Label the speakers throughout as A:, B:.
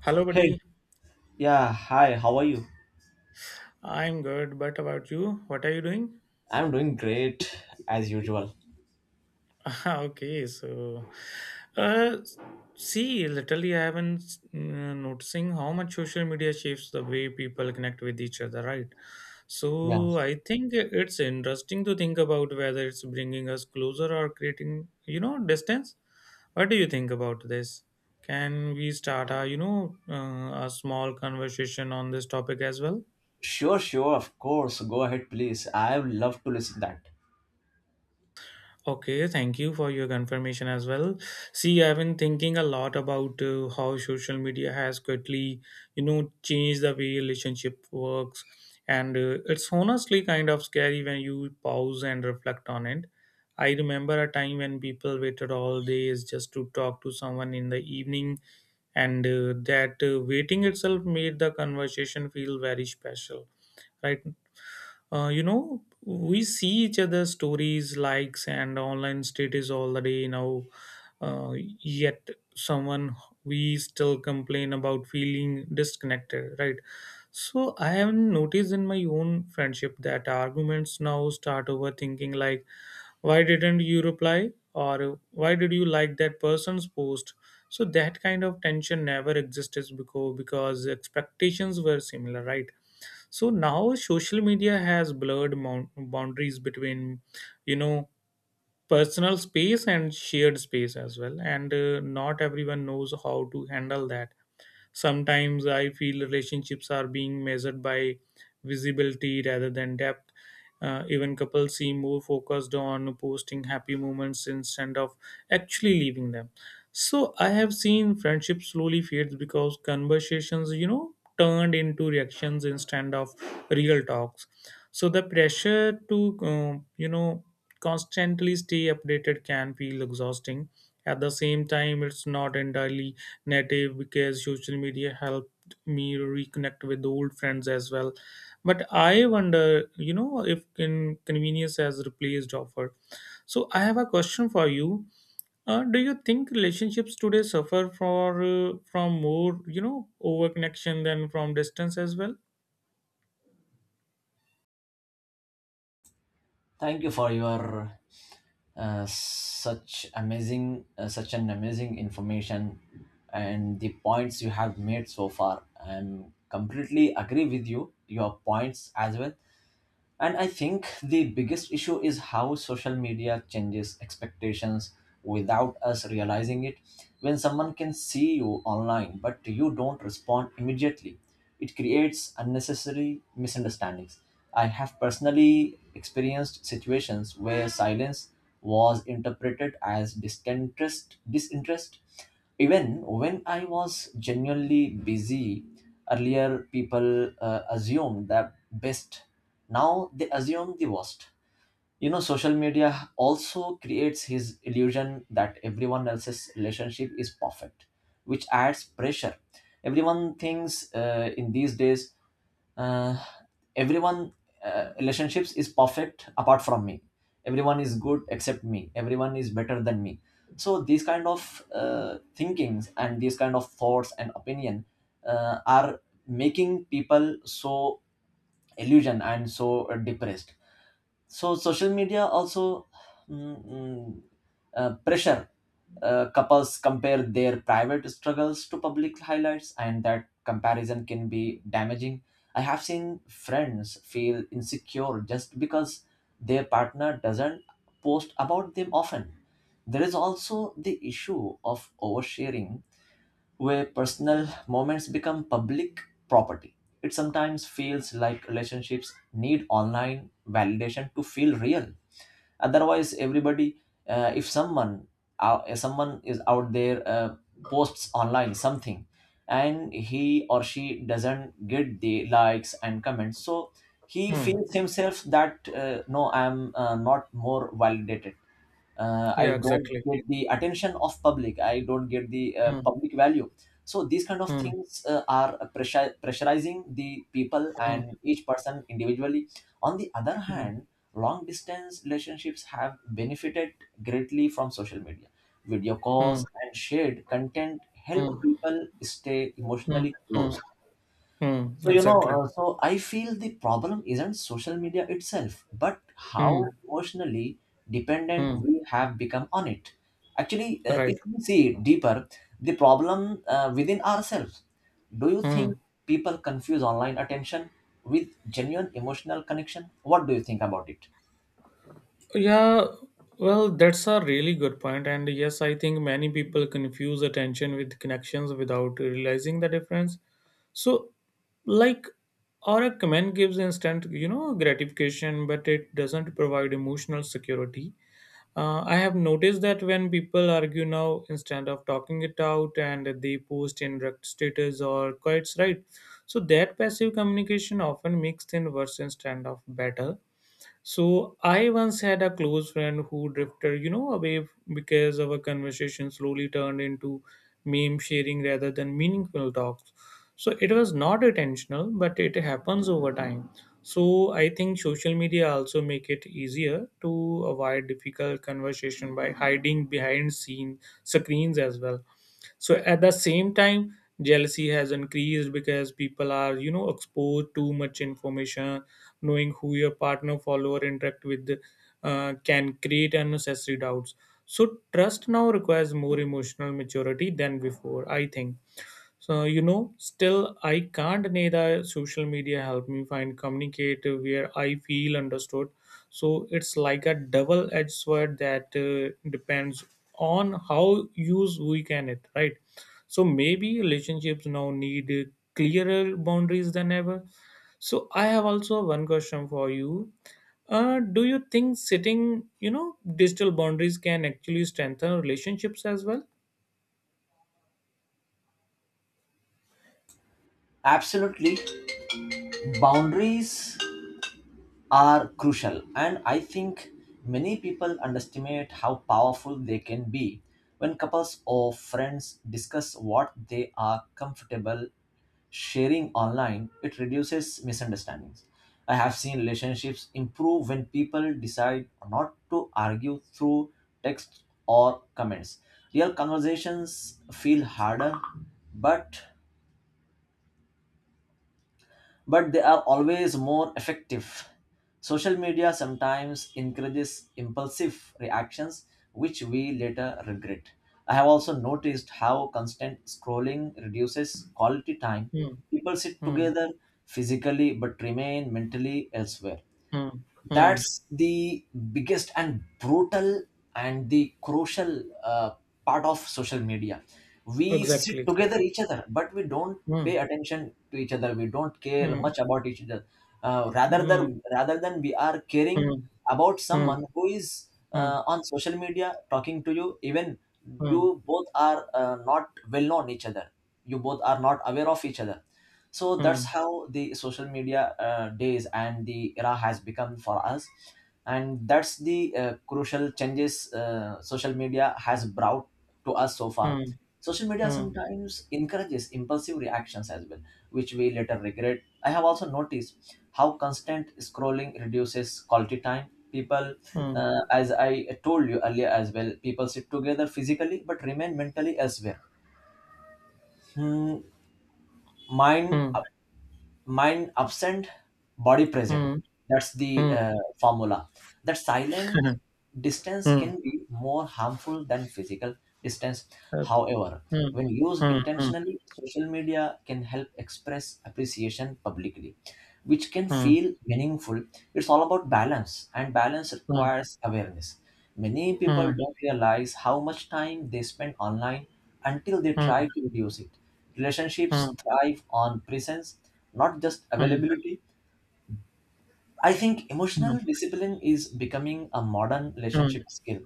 A: Hello,
B: Hey,
A: buddy.
B: yeah, hi, how are you?
A: I'm good, but about you? What are you doing?
B: I'm doing great as usual.
A: okay, so, uh, See, literally, I have been noticing how much social media shapes the way people connect with each other, right?
B: Yeah.
A: So, I think it's interesting to think about whether it's bringing us closer or creating, you know, distance. What do you think about this? Can we start a, a small conversation on this topic as well?
B: Sure, sure, of course. Go ahead, please. I would love to listen that.
A: Okay, thank you for your confirmation as well. See, I've been thinking a lot about how social media has quickly, you know, changed the way relationship works, and it's honestly kind of scary when you pause and reflect on it. I remember a time when people waited all days just to talk to someone in the evening, and that waiting itself made the conversation feel very special, right? You know, we see each other's stories, likes, and online status all the day now. Uh, yet, someone we still complain about feeling disconnected, right? So, I have noticed in my own friendship that arguments now start over thinking like, why didn't you reply? Or why did you like that person's post? So, that kind of tension never existed before because expectations were similar, right? So now social media has blurred boundaries between, you know, personal space and shared space as well, and not everyone knows how to handle that. Sometimes I feel relationships are being measured by visibility rather than depth. Even couples seem more focused on posting happy moments instead of actually leaving them. So I have seen friendship slowly fades because conversations, you know, turned into reactions instead of real talks. So the pressure to, you know, constantly stay updated can feel exhausting. At the same time, it's not entirely native because social media helped me reconnect with old friends as well. But I wonder, you know, if in convenience has replaced offer. So I have a question for you. Do you think relationships today suffer for from more, you know, over connection than from distance as well?
B: Thank you for your such an amazing information and the points you have made so far. I'm completely agree with you, your points as well. And I think the biggest issue is how social media changes expectations without us realizing it. When someone can see you online, but you don't respond immediately, it creates unnecessary misunderstandings. I have personally experienced situations where silence was interpreted as disinterest even when I was genuinely busy earlier. People assumed the best. Now they assume the worst. Social media also creates his illusion that everyone else's relationship is perfect, which adds pressure. Everyone thinks in these days, uh, everyone, relationships is perfect apart from me. Everyone is good except me. Everyone is better than me. So these kind of thinkings, and these kind of thoughts and opinion are making people so illusion and so depressed. So social media also mm, mm, pressure couples compare their private struggles to public highlights, and that comparison can be damaging. I have seen friends feel insecure just because their partner doesn't post about them often. There is also the issue of oversharing, where personal moments become public property. It sometimes feels like relationships need online validation to feel real. Otherwise, if someone, if someone is out there, posts online something, and he or she doesn't get the likes and comments, so he
A: Hmm.
B: feels himself that, no, I am not more validated. I
A: Yeah,
B: don't
A: exactly.
B: get the attention of public. I don't get the
A: Hmm.
B: public value. So these kind of
A: Hmm.
B: things are pressurizing the people
A: Hmm.
B: and each person individually. On the other
A: Hmm.
B: hand, long distance relationships have benefited greatly from social media. Video
A: Hmm.
B: calls and shared content help
A: Hmm.
B: people stay emotionally
A: Hmm.
B: close.
A: Hmm.
B: so you know,
A: Exactly.
B: uh, so I feel the problem isn't social media itself, but
A: Hmm.
B: how emotionally dependent
A: Hmm.
B: we have become on it. Actually,
A: Right.
B: if we see it deeper, the problem within ourselves. Do you think
A: Hmm.
B: people confuse online attention with genuine emotional connection? What do you think about it?
A: Yeah, well, that's a really good point. And yes, I think many people confuse attention with connections without realizing the difference. So, like, or a comment gives instant, you know, gratification, but it doesn't provide emotional security. I have noticed that when people argue now, instead of talking it out, and they post in direct status or quite right. So that passive communication often makes things worse instead of better. So I once had a close friend who drifted, you know, away because our conversation slowly turned into meme sharing rather than meaningful talks. So it was not intentional, but it happens over time. So I think social media also make it easier to avoid difficult conversation by hiding behind scene screens as well. So at the same time, jealousy has increased because people are, you know, exposed too much information, knowing who your partner follower interact with can create unnecessary doubts. So trust now requires more emotional maturity than before, I think. So, you know, still I can't deny that social media helped me find communicate where I feel understood. So it's like a double-edged sword that depends on how use we can it, right? So maybe relationships now need clearer boundaries than ever. So I have also one question for you. Do you think setting, you know, digital boundaries can actually strengthen relationships as well?
B: Absolutely, boundaries are crucial, and I think many people underestimate how powerful they can be. When couples or friends discuss what they are comfortable sharing online, it reduces misunderstandings. I have seen relationships improve when people decide not to argue through text or comments. Real conversations feel harder, but but they are always more effective. Social media sometimes encourages impulsive reactions, which we later regret. I have also noticed how constant scrolling reduces quality time.
A: Hmm.
B: People sit
A: Hmm.
B: together physically but remain mentally elsewhere.
A: Hmm. Hmm.
B: That's the biggest and brutal and the crucial part of social media. We
A: Exactly,
B: sit together
A: exactly.
B: each other, but we don't
A: Mm,
B: pay attention to each other. We don't care
A: mm,
B: much about each other. uh, rather
A: mm,
B: than rather than we are caring
A: mm,
B: about
A: mm,
B: someone who is
A: mm,
B: on social media talking to you. Even
A: mm,
B: you both are not well known each other. You both are not aware of each other. So that's
A: mm,
B: how the social media days and the era has become for us. And that's the crucial changes social media has brought to us so far. Social
A: mm,
B: media
A: mm,
B: sometimes encourages impulsive reactions as well, which we later regret. I have also noticed how constant scrolling reduces quality time. People
A: mm,
B: As I told you earlier as well, people sit together physically but remain mentally elsewhere. Hmm, mine
A: mm,
B: Mind absent, body present. That's the formula, that
A: mm,
B: silent
A: mm,
B: distance
A: mm,
B: can be more harmful than physical distance.
A: uh,
B: However,
A: mm,
B: when used
A: mm,
B: intentionally, social media can help express appreciation publicly, which can
A: mm,
B: feel meaningful. It's all about balance, and balance
A: mm,
B: requires awareness. Many
A: mm,
B: people
A: mm,
B: don't realize how much time they spend online until they try
A: mm,
B: to reduce it. Relationships
A: mm,
B: thrive on presence, not just availability. I think
A: mm,
B: emotional discipline is becoming a modern
A: mm, mm,
B: relationship skill.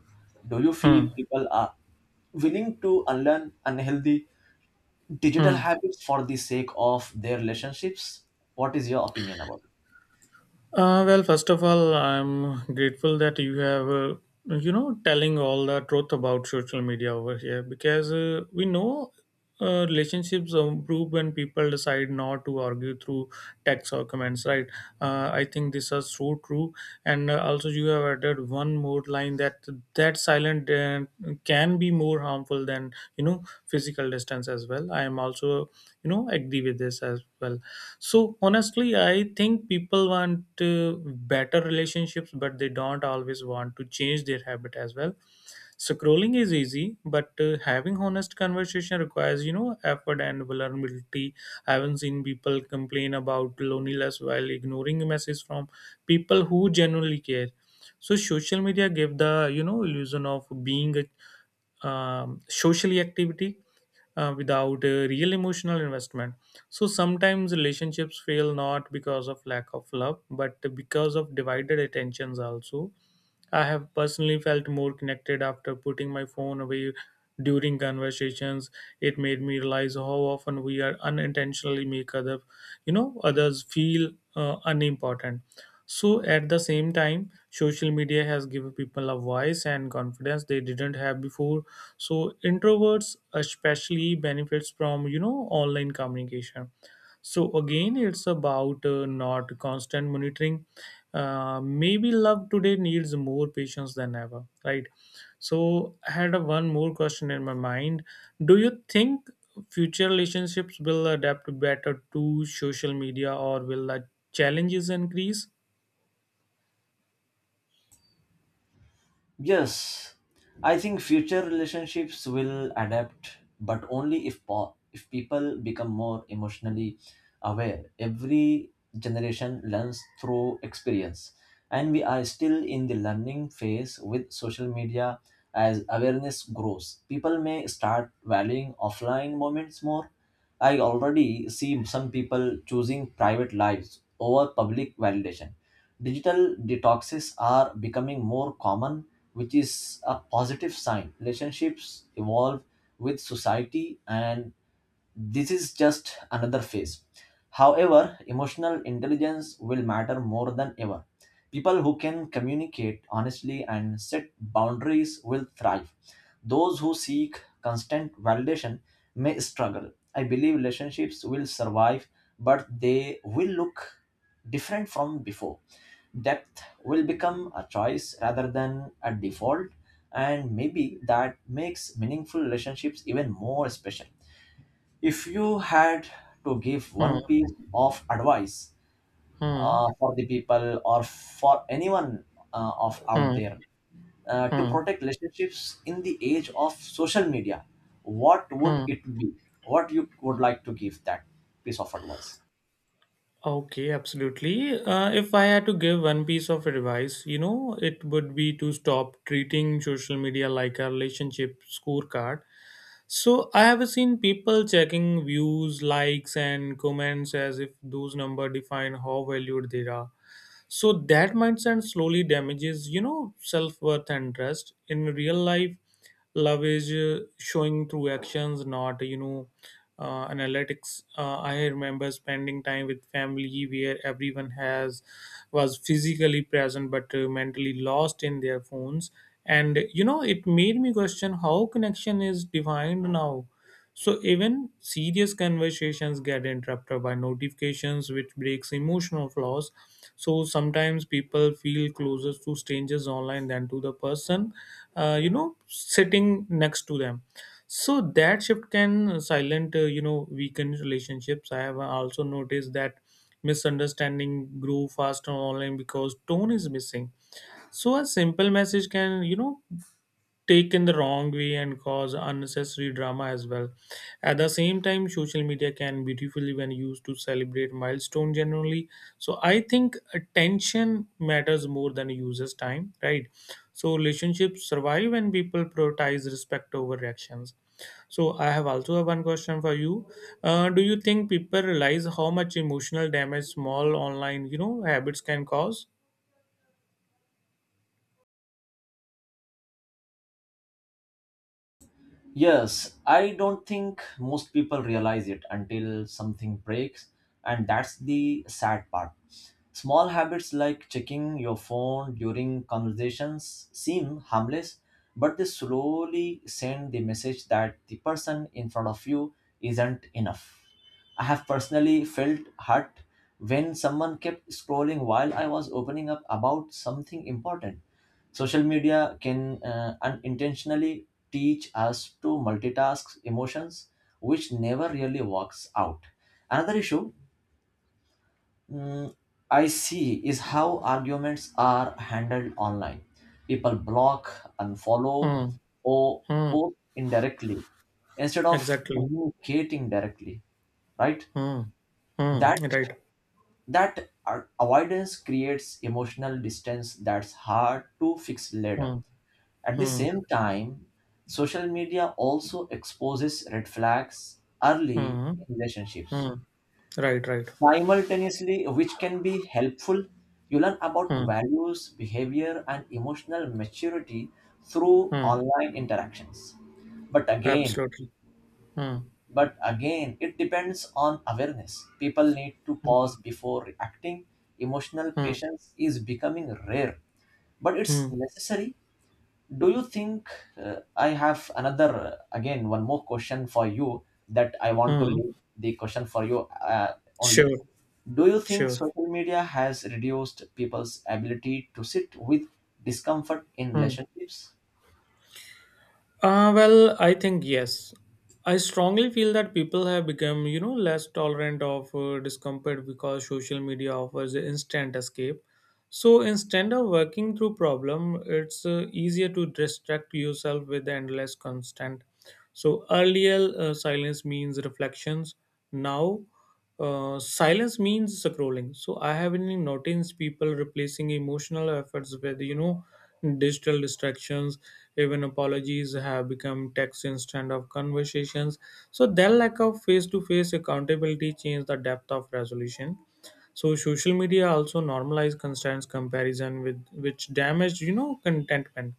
B: Do you feel
A: mm,
B: people are willing to unlearn unhealthy digital
A: mm.
B: habits for the sake of their relationships? What is your opinion about it?
A: Well, first of all, I'm grateful that you have, you know, telling all the truth about social media over here because we know relationships improve when people decide not to argue through text or comments, right? I think this is so true. And also, you have added one more line that silent can be more harmful than, you know, physical distance as well. I am also, you know, agree with this as well. So honestly, I think people want better relationships, but they don't always want to change their habit as well. So, scrolling is easy, but having honest conversation requires, you know, effort and vulnerability. I haven't seen people complain about loneliness while ignoring messages from people who genuinely care. So social media give the, you know, illusion of being a socially activity without a real emotional investment. So sometimes relationships fail not because of lack of love, but because of divided attentions also. I have personally felt more connected after putting my phone away during conversations. It made me realize how often we are unintentionally make other, you know, others feel unimportant. So at the same time, social media has given people a voice and confidence they didn't have before. So introverts especially benefits from, you know, online communication. So again, it's about not constant monitoring. Maybe love today needs more patience than ever, right? So I had a one more question in my mind. Do you think future relationships will adapt better to social media, or will the challenges increase?
B: Yes, I think future relationships will adapt, but only if people become more emotionally aware. Every generation learns through experience, and we are still in the learning phase with social media. As awareness grows, people may start valuing offline moments more. I already see some people choosing private lives over public validation. Digital detoxes are becoming more common, which is a positive sign. Relationships evolve with society, and this is just another phase. However, emotional intelligence will matter more than ever. People who can communicate honestly and set boundaries will thrive. Those who seek constant validation may struggle. I believe relationships will survive, but they will look different from before. Depth will become a choice rather than a default, and maybe that makes meaningful relationships even more special. If you had to give one
A: Hmm,
B: piece of advice
A: hmm,
B: for the people or for anyone of out
A: hmm,
B: there, to
A: hmm,
B: protect relationships in the age of social media, what would
A: hmm.
B: it be? What you would like to give that piece of advice?
A: Okay, absolutely. If I had to give one piece of advice, you know, it would be to stop treating social media like a relationship scorecard. So I have seen people checking views, likes, and comments as if those numbers define how valued they are. So that mindset slowly damages, you know, self-worth and trust in real life. Love is showing through actions, not, you know, analytics. I remember spending time with family where everyone has was physically present but mentally lost in their phones, and, you know, it made me question how connection is defined now. So even serious conversations get interrupted by notifications, which breaks emotional flows. So sometimes people feel closer to strangers online than to the person, you know, sitting next to them. So that shift can silent, you know, weaken relationships. I have also noticed that misunderstanding grow faster online because tone is missing. So a simple message can, you know, taken the wrong way and cause unnecessary drama as well. At the same time, social media can beautifully when used to celebrate milestone generally. So I think attention matters more than users' time, right? So relationships survive when people prioritize respect over reactions. So I have also have one question for you. Do you think people realize how much emotional damage small online, you know, habits can cause?
B: Yes, I don't think most people realize it until something breaks, and that's the sad part. Small habits like checking your phone during conversations seem harmless, but they slowly send the message that the person in front of you isn't enough. I have personally felt hurt when someone kept scrolling while I was opening up about something important. Social media can unintentionally teach us to multitask emotions, which never really works out. Another issue, mm, I see, is how arguments are handled online. People block, unfollow,
A: Hmm.
B: or
A: Hmm.
B: post indirectly instead of
A: Exactly.
B: communicating directly, right?
A: Hmm. Hmm.
B: That
A: Right.
B: that avoidance creates emotional distance that's hard to fix later.
A: Hmm.
B: At the
A: Hmm.
B: same time, social media also exposes red flags early
A: Hmm.
B: in relationships.
A: Hmm. Right. Right.
B: Simultaneously, which can be helpful, you learn about
A: Hmm.
B: values, behavior, and emotional maturity through
A: Hmm.
B: online interactions. But again,
A: Absolutely. Hmm.
B: it depends on awareness. People need to pause before reacting. Emotional
A: Hmm.
B: patience is becoming rare, but
A: Hmm.
B: it's necessary. Do you think, I have another, again, one more question for you that I want to
A: Hmm.
B: leave the question for you uh, only.
A: Sure.
B: Do you think
A: Sure.
B: social media has reduced people's ability to sit with discomfort in
A: Hmm.
B: relationships?
A: Well, I think yes. I strongly feel that people have become, you know, less tolerant of discomfort because social media offers instant escape. So instead of working through problem, it's easier to distract yourself with endless constant. So earlier, silence means reflections. Now, silence means scrolling. So I have been noticed people replacing emotional efforts with, you know, digital distractions. Even apologies have become text instead of conversations. So their lack of face-to-face accountability changed the depth of resolution. So social media also normalize constant comparison with which damage, you know, contentment.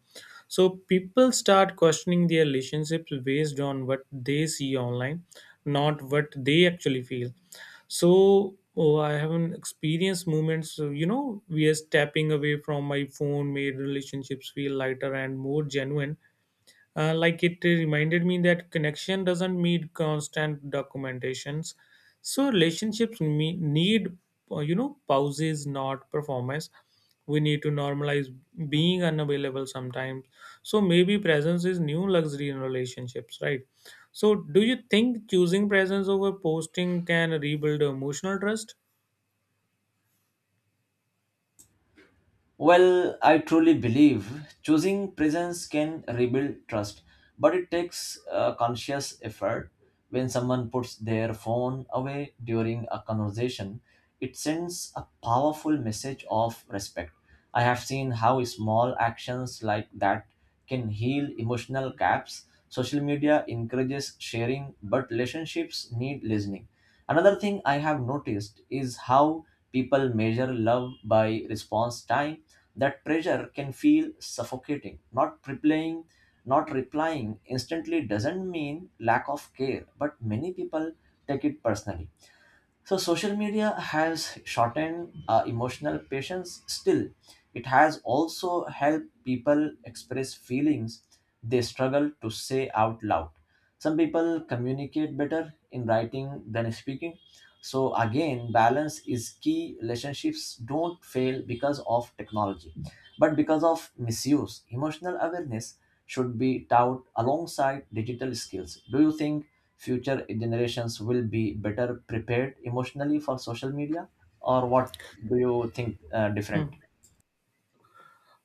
A: So people start questioning their relationships based on what they see online, not what they actually feel. So oh, I haven't experienced moments, you know, we are stepping away from my phone made relationships feel lighter and more genuine. Like, it reminded me that connection doesn't need constant documentations. So need, you know, pauses, not performance. We need to normalize being unavailable sometimes. So maybe presence is new luxury in relationships, right? So do you think choosing presence over posting can rebuild emotional trust?
B: Well, I truly believe choosing presence can rebuild trust, but it takes a conscious effort. When someone puts their phone away during a conversation, it sends a powerful message of respect. I have seen how small actions like that can heal emotional gaps. Social media encourages sharing, but relationships need listening. Another thing I have noticed is how people measure love by response time. That pressure can feel suffocating. Not replying instantly doesn't mean lack of care, but many people take it personally. So social media has shortened emotional patience. Still, it has also helped people express feelings they struggle to say out loud. Some people communicate better in writing than speaking. So again, balance is key. Relationships don't fail because of technology, but because of misuse. Emotional awareness should be taught alongside digital skills. Do you think future generations will be better prepared emotionally for social media, or what do you think different?
A: Hmm.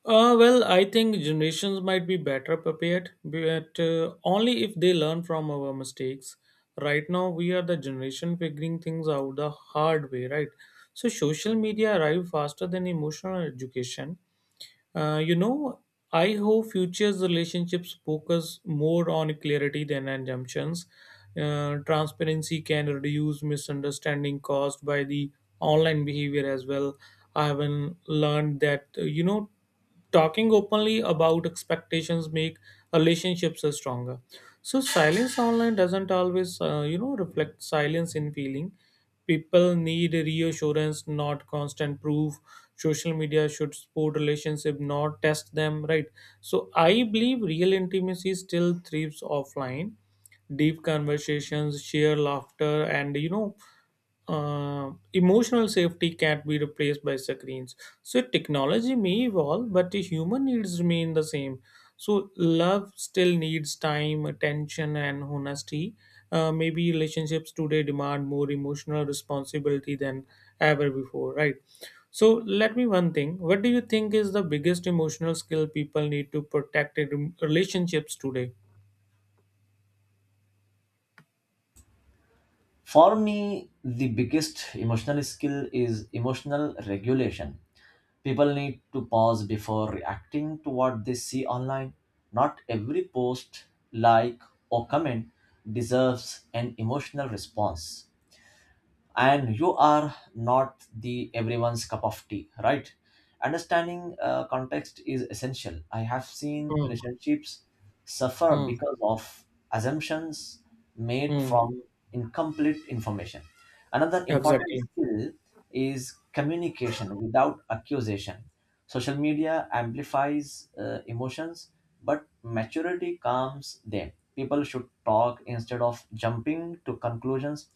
A: Well, I think generations might be better prepared, but only if they learn from our mistakes. Right now, we are the generation figuring things out the hard way, right? So, social media arrived faster than emotional education. You know, I hope futures relationships focus more on clarity than assumptions. Transparency can reduce misunderstanding caused by the online behavior as well. I have learned that, you know, talking openly about expectations make relationships are stronger. So silence online doesn't always, you know, reflect silence in feeling. People need reassurance, not constant proof. Social media should support relationship, not test them, right? So I believe real intimacy still thrives offline. Deep conversations, sheer laughter, and, you know, emotional safety can't be replaced by screens. So technology may evolve, but the human needs remain the same. So love still needs time, attention, and honesty. Maybe relationships today demand more emotional responsibility than ever before, right? So let me one thing. What do you think is the biggest emotional skill people need to protect in relationships today?
B: For me, the biggest emotional skill is emotional regulation. People need to pause before reacting to what they see online. Not every post, like, or comment deserves an emotional response. And you are not the everyone's cup of tea, right? Understanding context is essential. I have seen
A: Mm,
B: relationships suffer
A: mm,
B: because of assumptions made
A: mm.
B: from incomplete information. Another important
A: Exactly.
B: skill is communication without accusation. Social media amplifies emotions, but maturity calms them. People should talk instead of jumping to conclusions.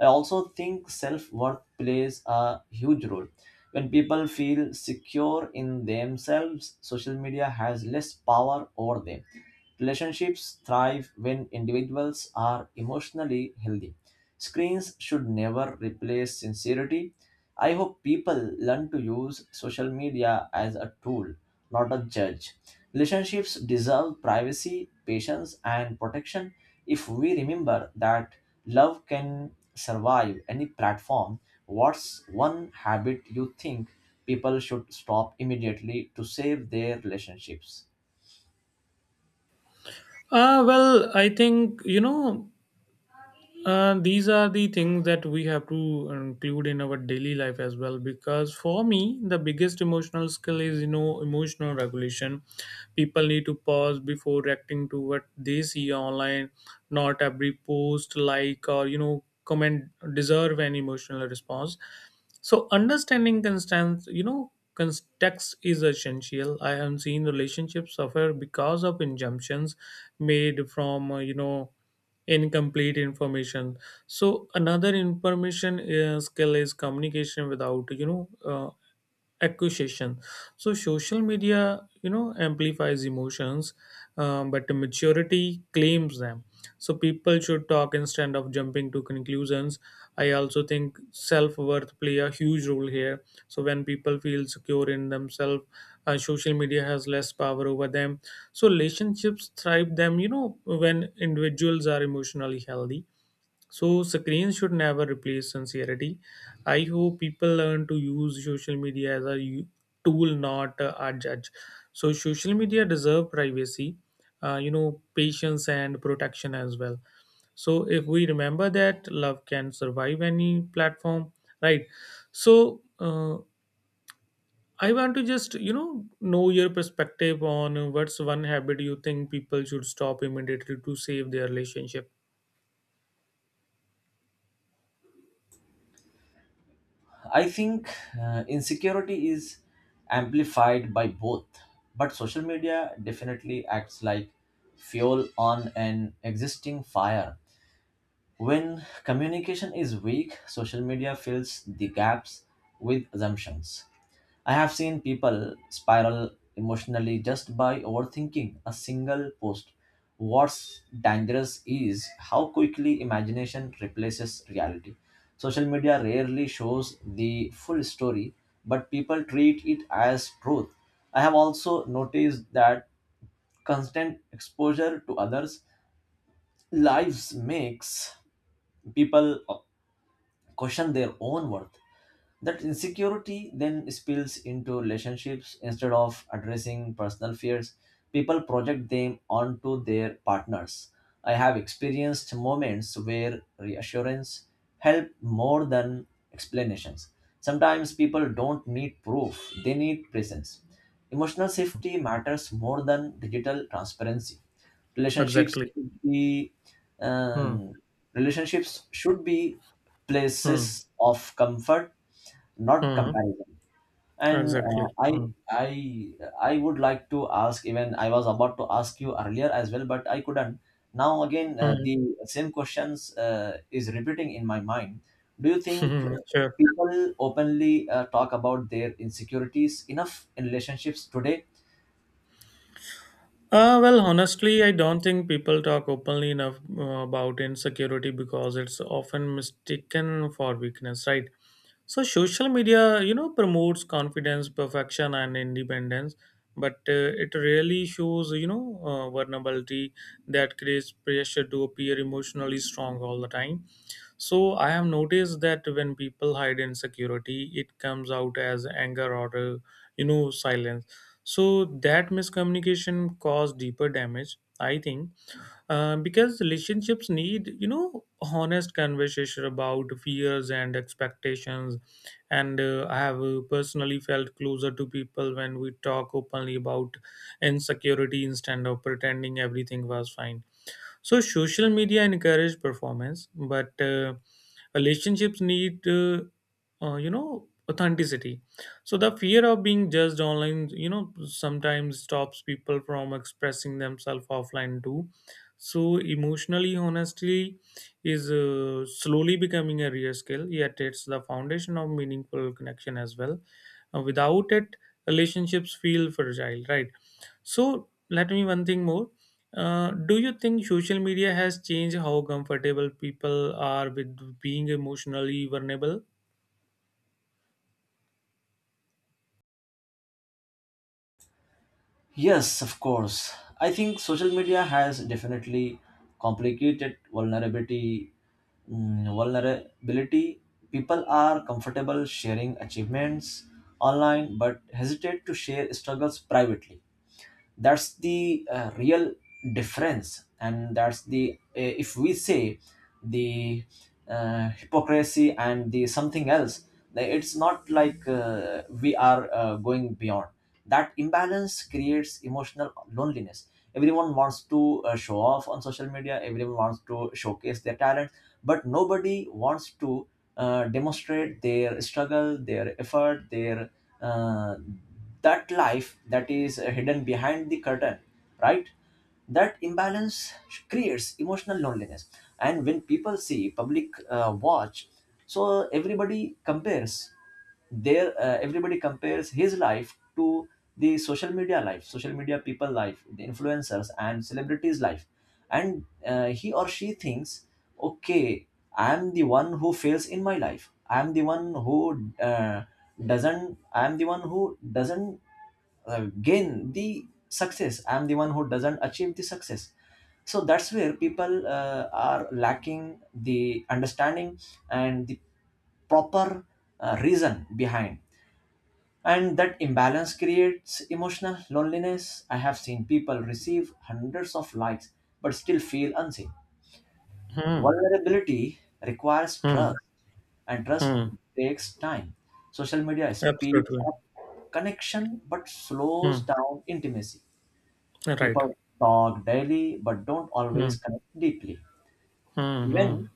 B: I also think self worth plays a huge role. When people feel secure in themselves, social media has less power over them. Relationships thrive when individuals are emotionally healthy. Screens should never replace sincerity. I hope people learn to use social media as a tool, not a judge. Relationships deserve privacy, patience, and protection. If we remember that, love can survive any platform. What's one habit you think people should stop immediately to save their relationships?
A: Well, I think, these are the things that we have to include in our daily life as well, because for me the biggest emotional skill is, emotional regulation. People need to pause before reacting to what they see online. Not every post, like, or comment deserve an emotional response. So understanding constant, context is essential. I have seen relationships suffer because of injunctions made from, incomplete information. So another information skill is communication without, accusation. So social media, amplifies emotions, but maturity claims them. So people should talk instead of jumping to conclusions. I also think self-worth play a huge role here. So when people feel secure in themselves, social media has less power over them. So relationships thrive them, when individuals are emotionally healthy. So screens should never replace sincerity. I hope people learn to use social media as a tool, not a judge. So social media deserve privacy, patience, and protection as well. So if we remember that love can survive any platform, right? So I want to just know your perspective on what's one habit you think people should stop immediately to save their relationship.
B: I think insecurity is amplified by both, but social media definitely acts like fuel on an existing fire. When communication is weak, social media fills the gaps with assumptions. I have seen people spiral emotionally just by overthinking a single post. What's dangerous is how quickly imagination replaces reality. Social media rarely shows the full story, but people treat it as truth. I have also noticed that constant exposure to others' lives makes people question their own worth. That insecurity then spills into relationships. Instead of addressing personal fears, people project them onto their partners. I have experienced moments where reassurance helped more than explanations. Sometimes people don't need proof, they need presence. Emotional safety matters more than digital transparency. Relationships
A: Exactly.
B: should be,
A: Hmm.
B: um, relationships should be
A: Hmm.
B: places of comfort, not
A: Hmm.
B: comparison. and uh,
A: Exactly.
B: i
A: Hmm.
B: i i would like to ask, even I was about to ask you earlier as well, but I couldn't. Now again,
A: Hmm.
B: the same questions is repeating in my mind. Do you think
A: Sure.
B: people openly talk about their insecurities enough in relationships today?
A: Well, honestly, I don't think people talk openly enough about insecurity because it's often mistaken for weakness, right? So social media, promotes confidence, perfection, and independence, but it really shows, vulnerability that creates pressure to appear emotionally strong all the time. So I have noticed that when people hide insecurity, it comes out as anger or silence, so that miscommunication caused deeper damage, I think, because relationships need, honest conversation about fears and expectations. And I have personally felt closer to people when we talk openly about insecurity instead of pretending everything was fine. So social media encourage performance, but relationships need, authenticity. So the fear of being judged online, sometimes stops people from expressing themselves offline too. So emotionally honesty is slowly becoming a rare skill, yet it's the foundation of meaningful connection as well. Without it, relationships feel fragile, right? So let me one thing more. Do you think social media has changed how comfortable people are with being emotionally vulnerable?
B: Yes, of course. I think social media has definitely complicated vulnerability. People are comfortable sharing achievements online but hesitate to share struggles privately. That's the real difference, and that's the if we say the hypocrisy and the something else. It's not like we are going beyond. That imbalance creates emotional loneliness. Everyone wants to show off on social media. Everyone wants to showcase their talent, but nobody wants to demonstrate their struggle, their effort, their, uh, that life, that is hidden behind the curtain, right? That imbalance creates emotional loneliness. And when people see public watch, so everybody compares his life to the social media life, social media people life, the influencers and celebrities life. And he or she thinks, okay, I am the one who fails in my life. I am the one who doesn't gain the success. I am the one who doesn't achieve the success. So that's where people are lacking the understanding and the proper reason behind. And that imbalance creates emotional loneliness. I have seen people receive hundreds of likes but still feel unseen.
A: Hmm.
B: Vulnerability requires
A: Hmm.
B: trust, and trust
A: Hmm.
B: takes time. Social media speeds
A: Absolutely.
B: up connection but
A: Hmm.
B: slows down intimacy.
A: Right.
B: People talk daily but don't
A: Hmm.
B: always connect deeply.
A: Hmm.
B: Even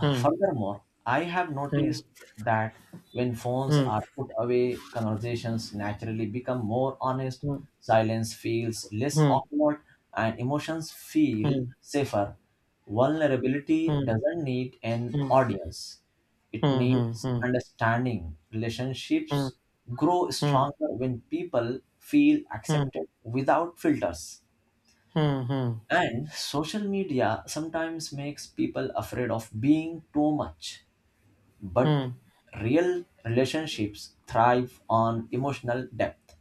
A: Hmm.
B: Furthermore, I have
A: Hmm.
B: noticed that when phones
A: Hmm.
B: are put away, conversations naturally become more honest, silence feels less
A: Hmm.
B: awkward, and emotions feel
A: Hmm.
B: safer. Vulnerability
A: Hmm.
B: doesn't need an
A: Hmm.
B: audience, it
A: Hmm. Hmm.
B: needs
A: Hmm.
B: understanding.
A: Hmm. Hmm.
B: Relationships grow
A: Hmm. Hmm.
B: stronger when people feel
A: Hmm.
B: accepted without filters.
A: Hmm. Hmm.
B: And social media sometimes makes people afraid of being too much, but
A: hmm.
B: real relationships thrive on emotional depth.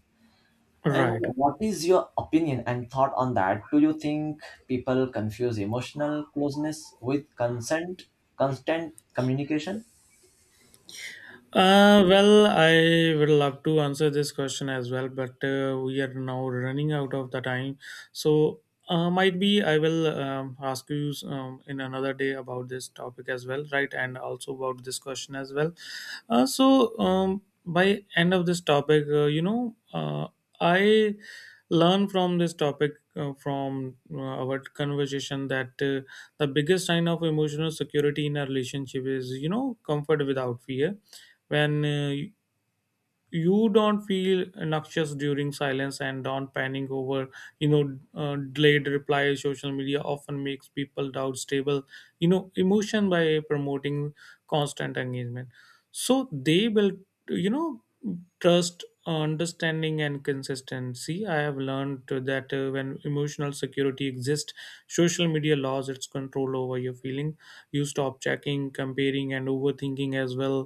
B: And
A: Right.
B: what is your opinion and thought on that? Do you think people confuse emotional closeness with consent constant communication?
A: Well, I would love to answer this question as well, but we are now running out of the time. So, might be I will ask you in another day about this topic as well, right? And also about this question as well. By end of this topic, I learn from this topic from our conversation that, the biggest sign of emotional security in a relationship is, comfort without fear. When you don't feel noxious during silence and don't panic over, delayed replies. Social media often makes people doubt stable, emotion by promoting constant engagement, so they build, you know trust, understanding, and consistency. I have learned that when emotional security exists, social media lost its control over your feelings. You stop checking, comparing, and overthinking as well.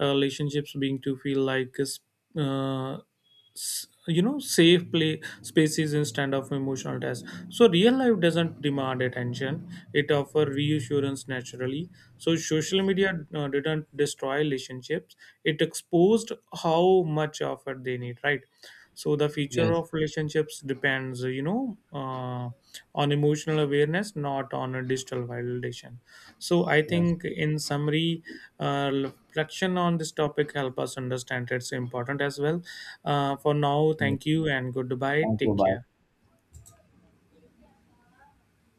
A: Relationships being to feel like s- safe play spaces instead of emotional tests. So real life doesn't demand attention, it offers reassurance naturally. So social media didn't destroy relationships, it exposed how much effort they need, right? So the future
B: Yes,
A: of relationships depends, on emotional awareness, not on a digital validation. So I
B: yes.
A: think, in summary, reflection on this topic help us understand it's important as well. For now, thank you, and goodbye.
B: Thank you,
A: Take
B: bye.
A: care.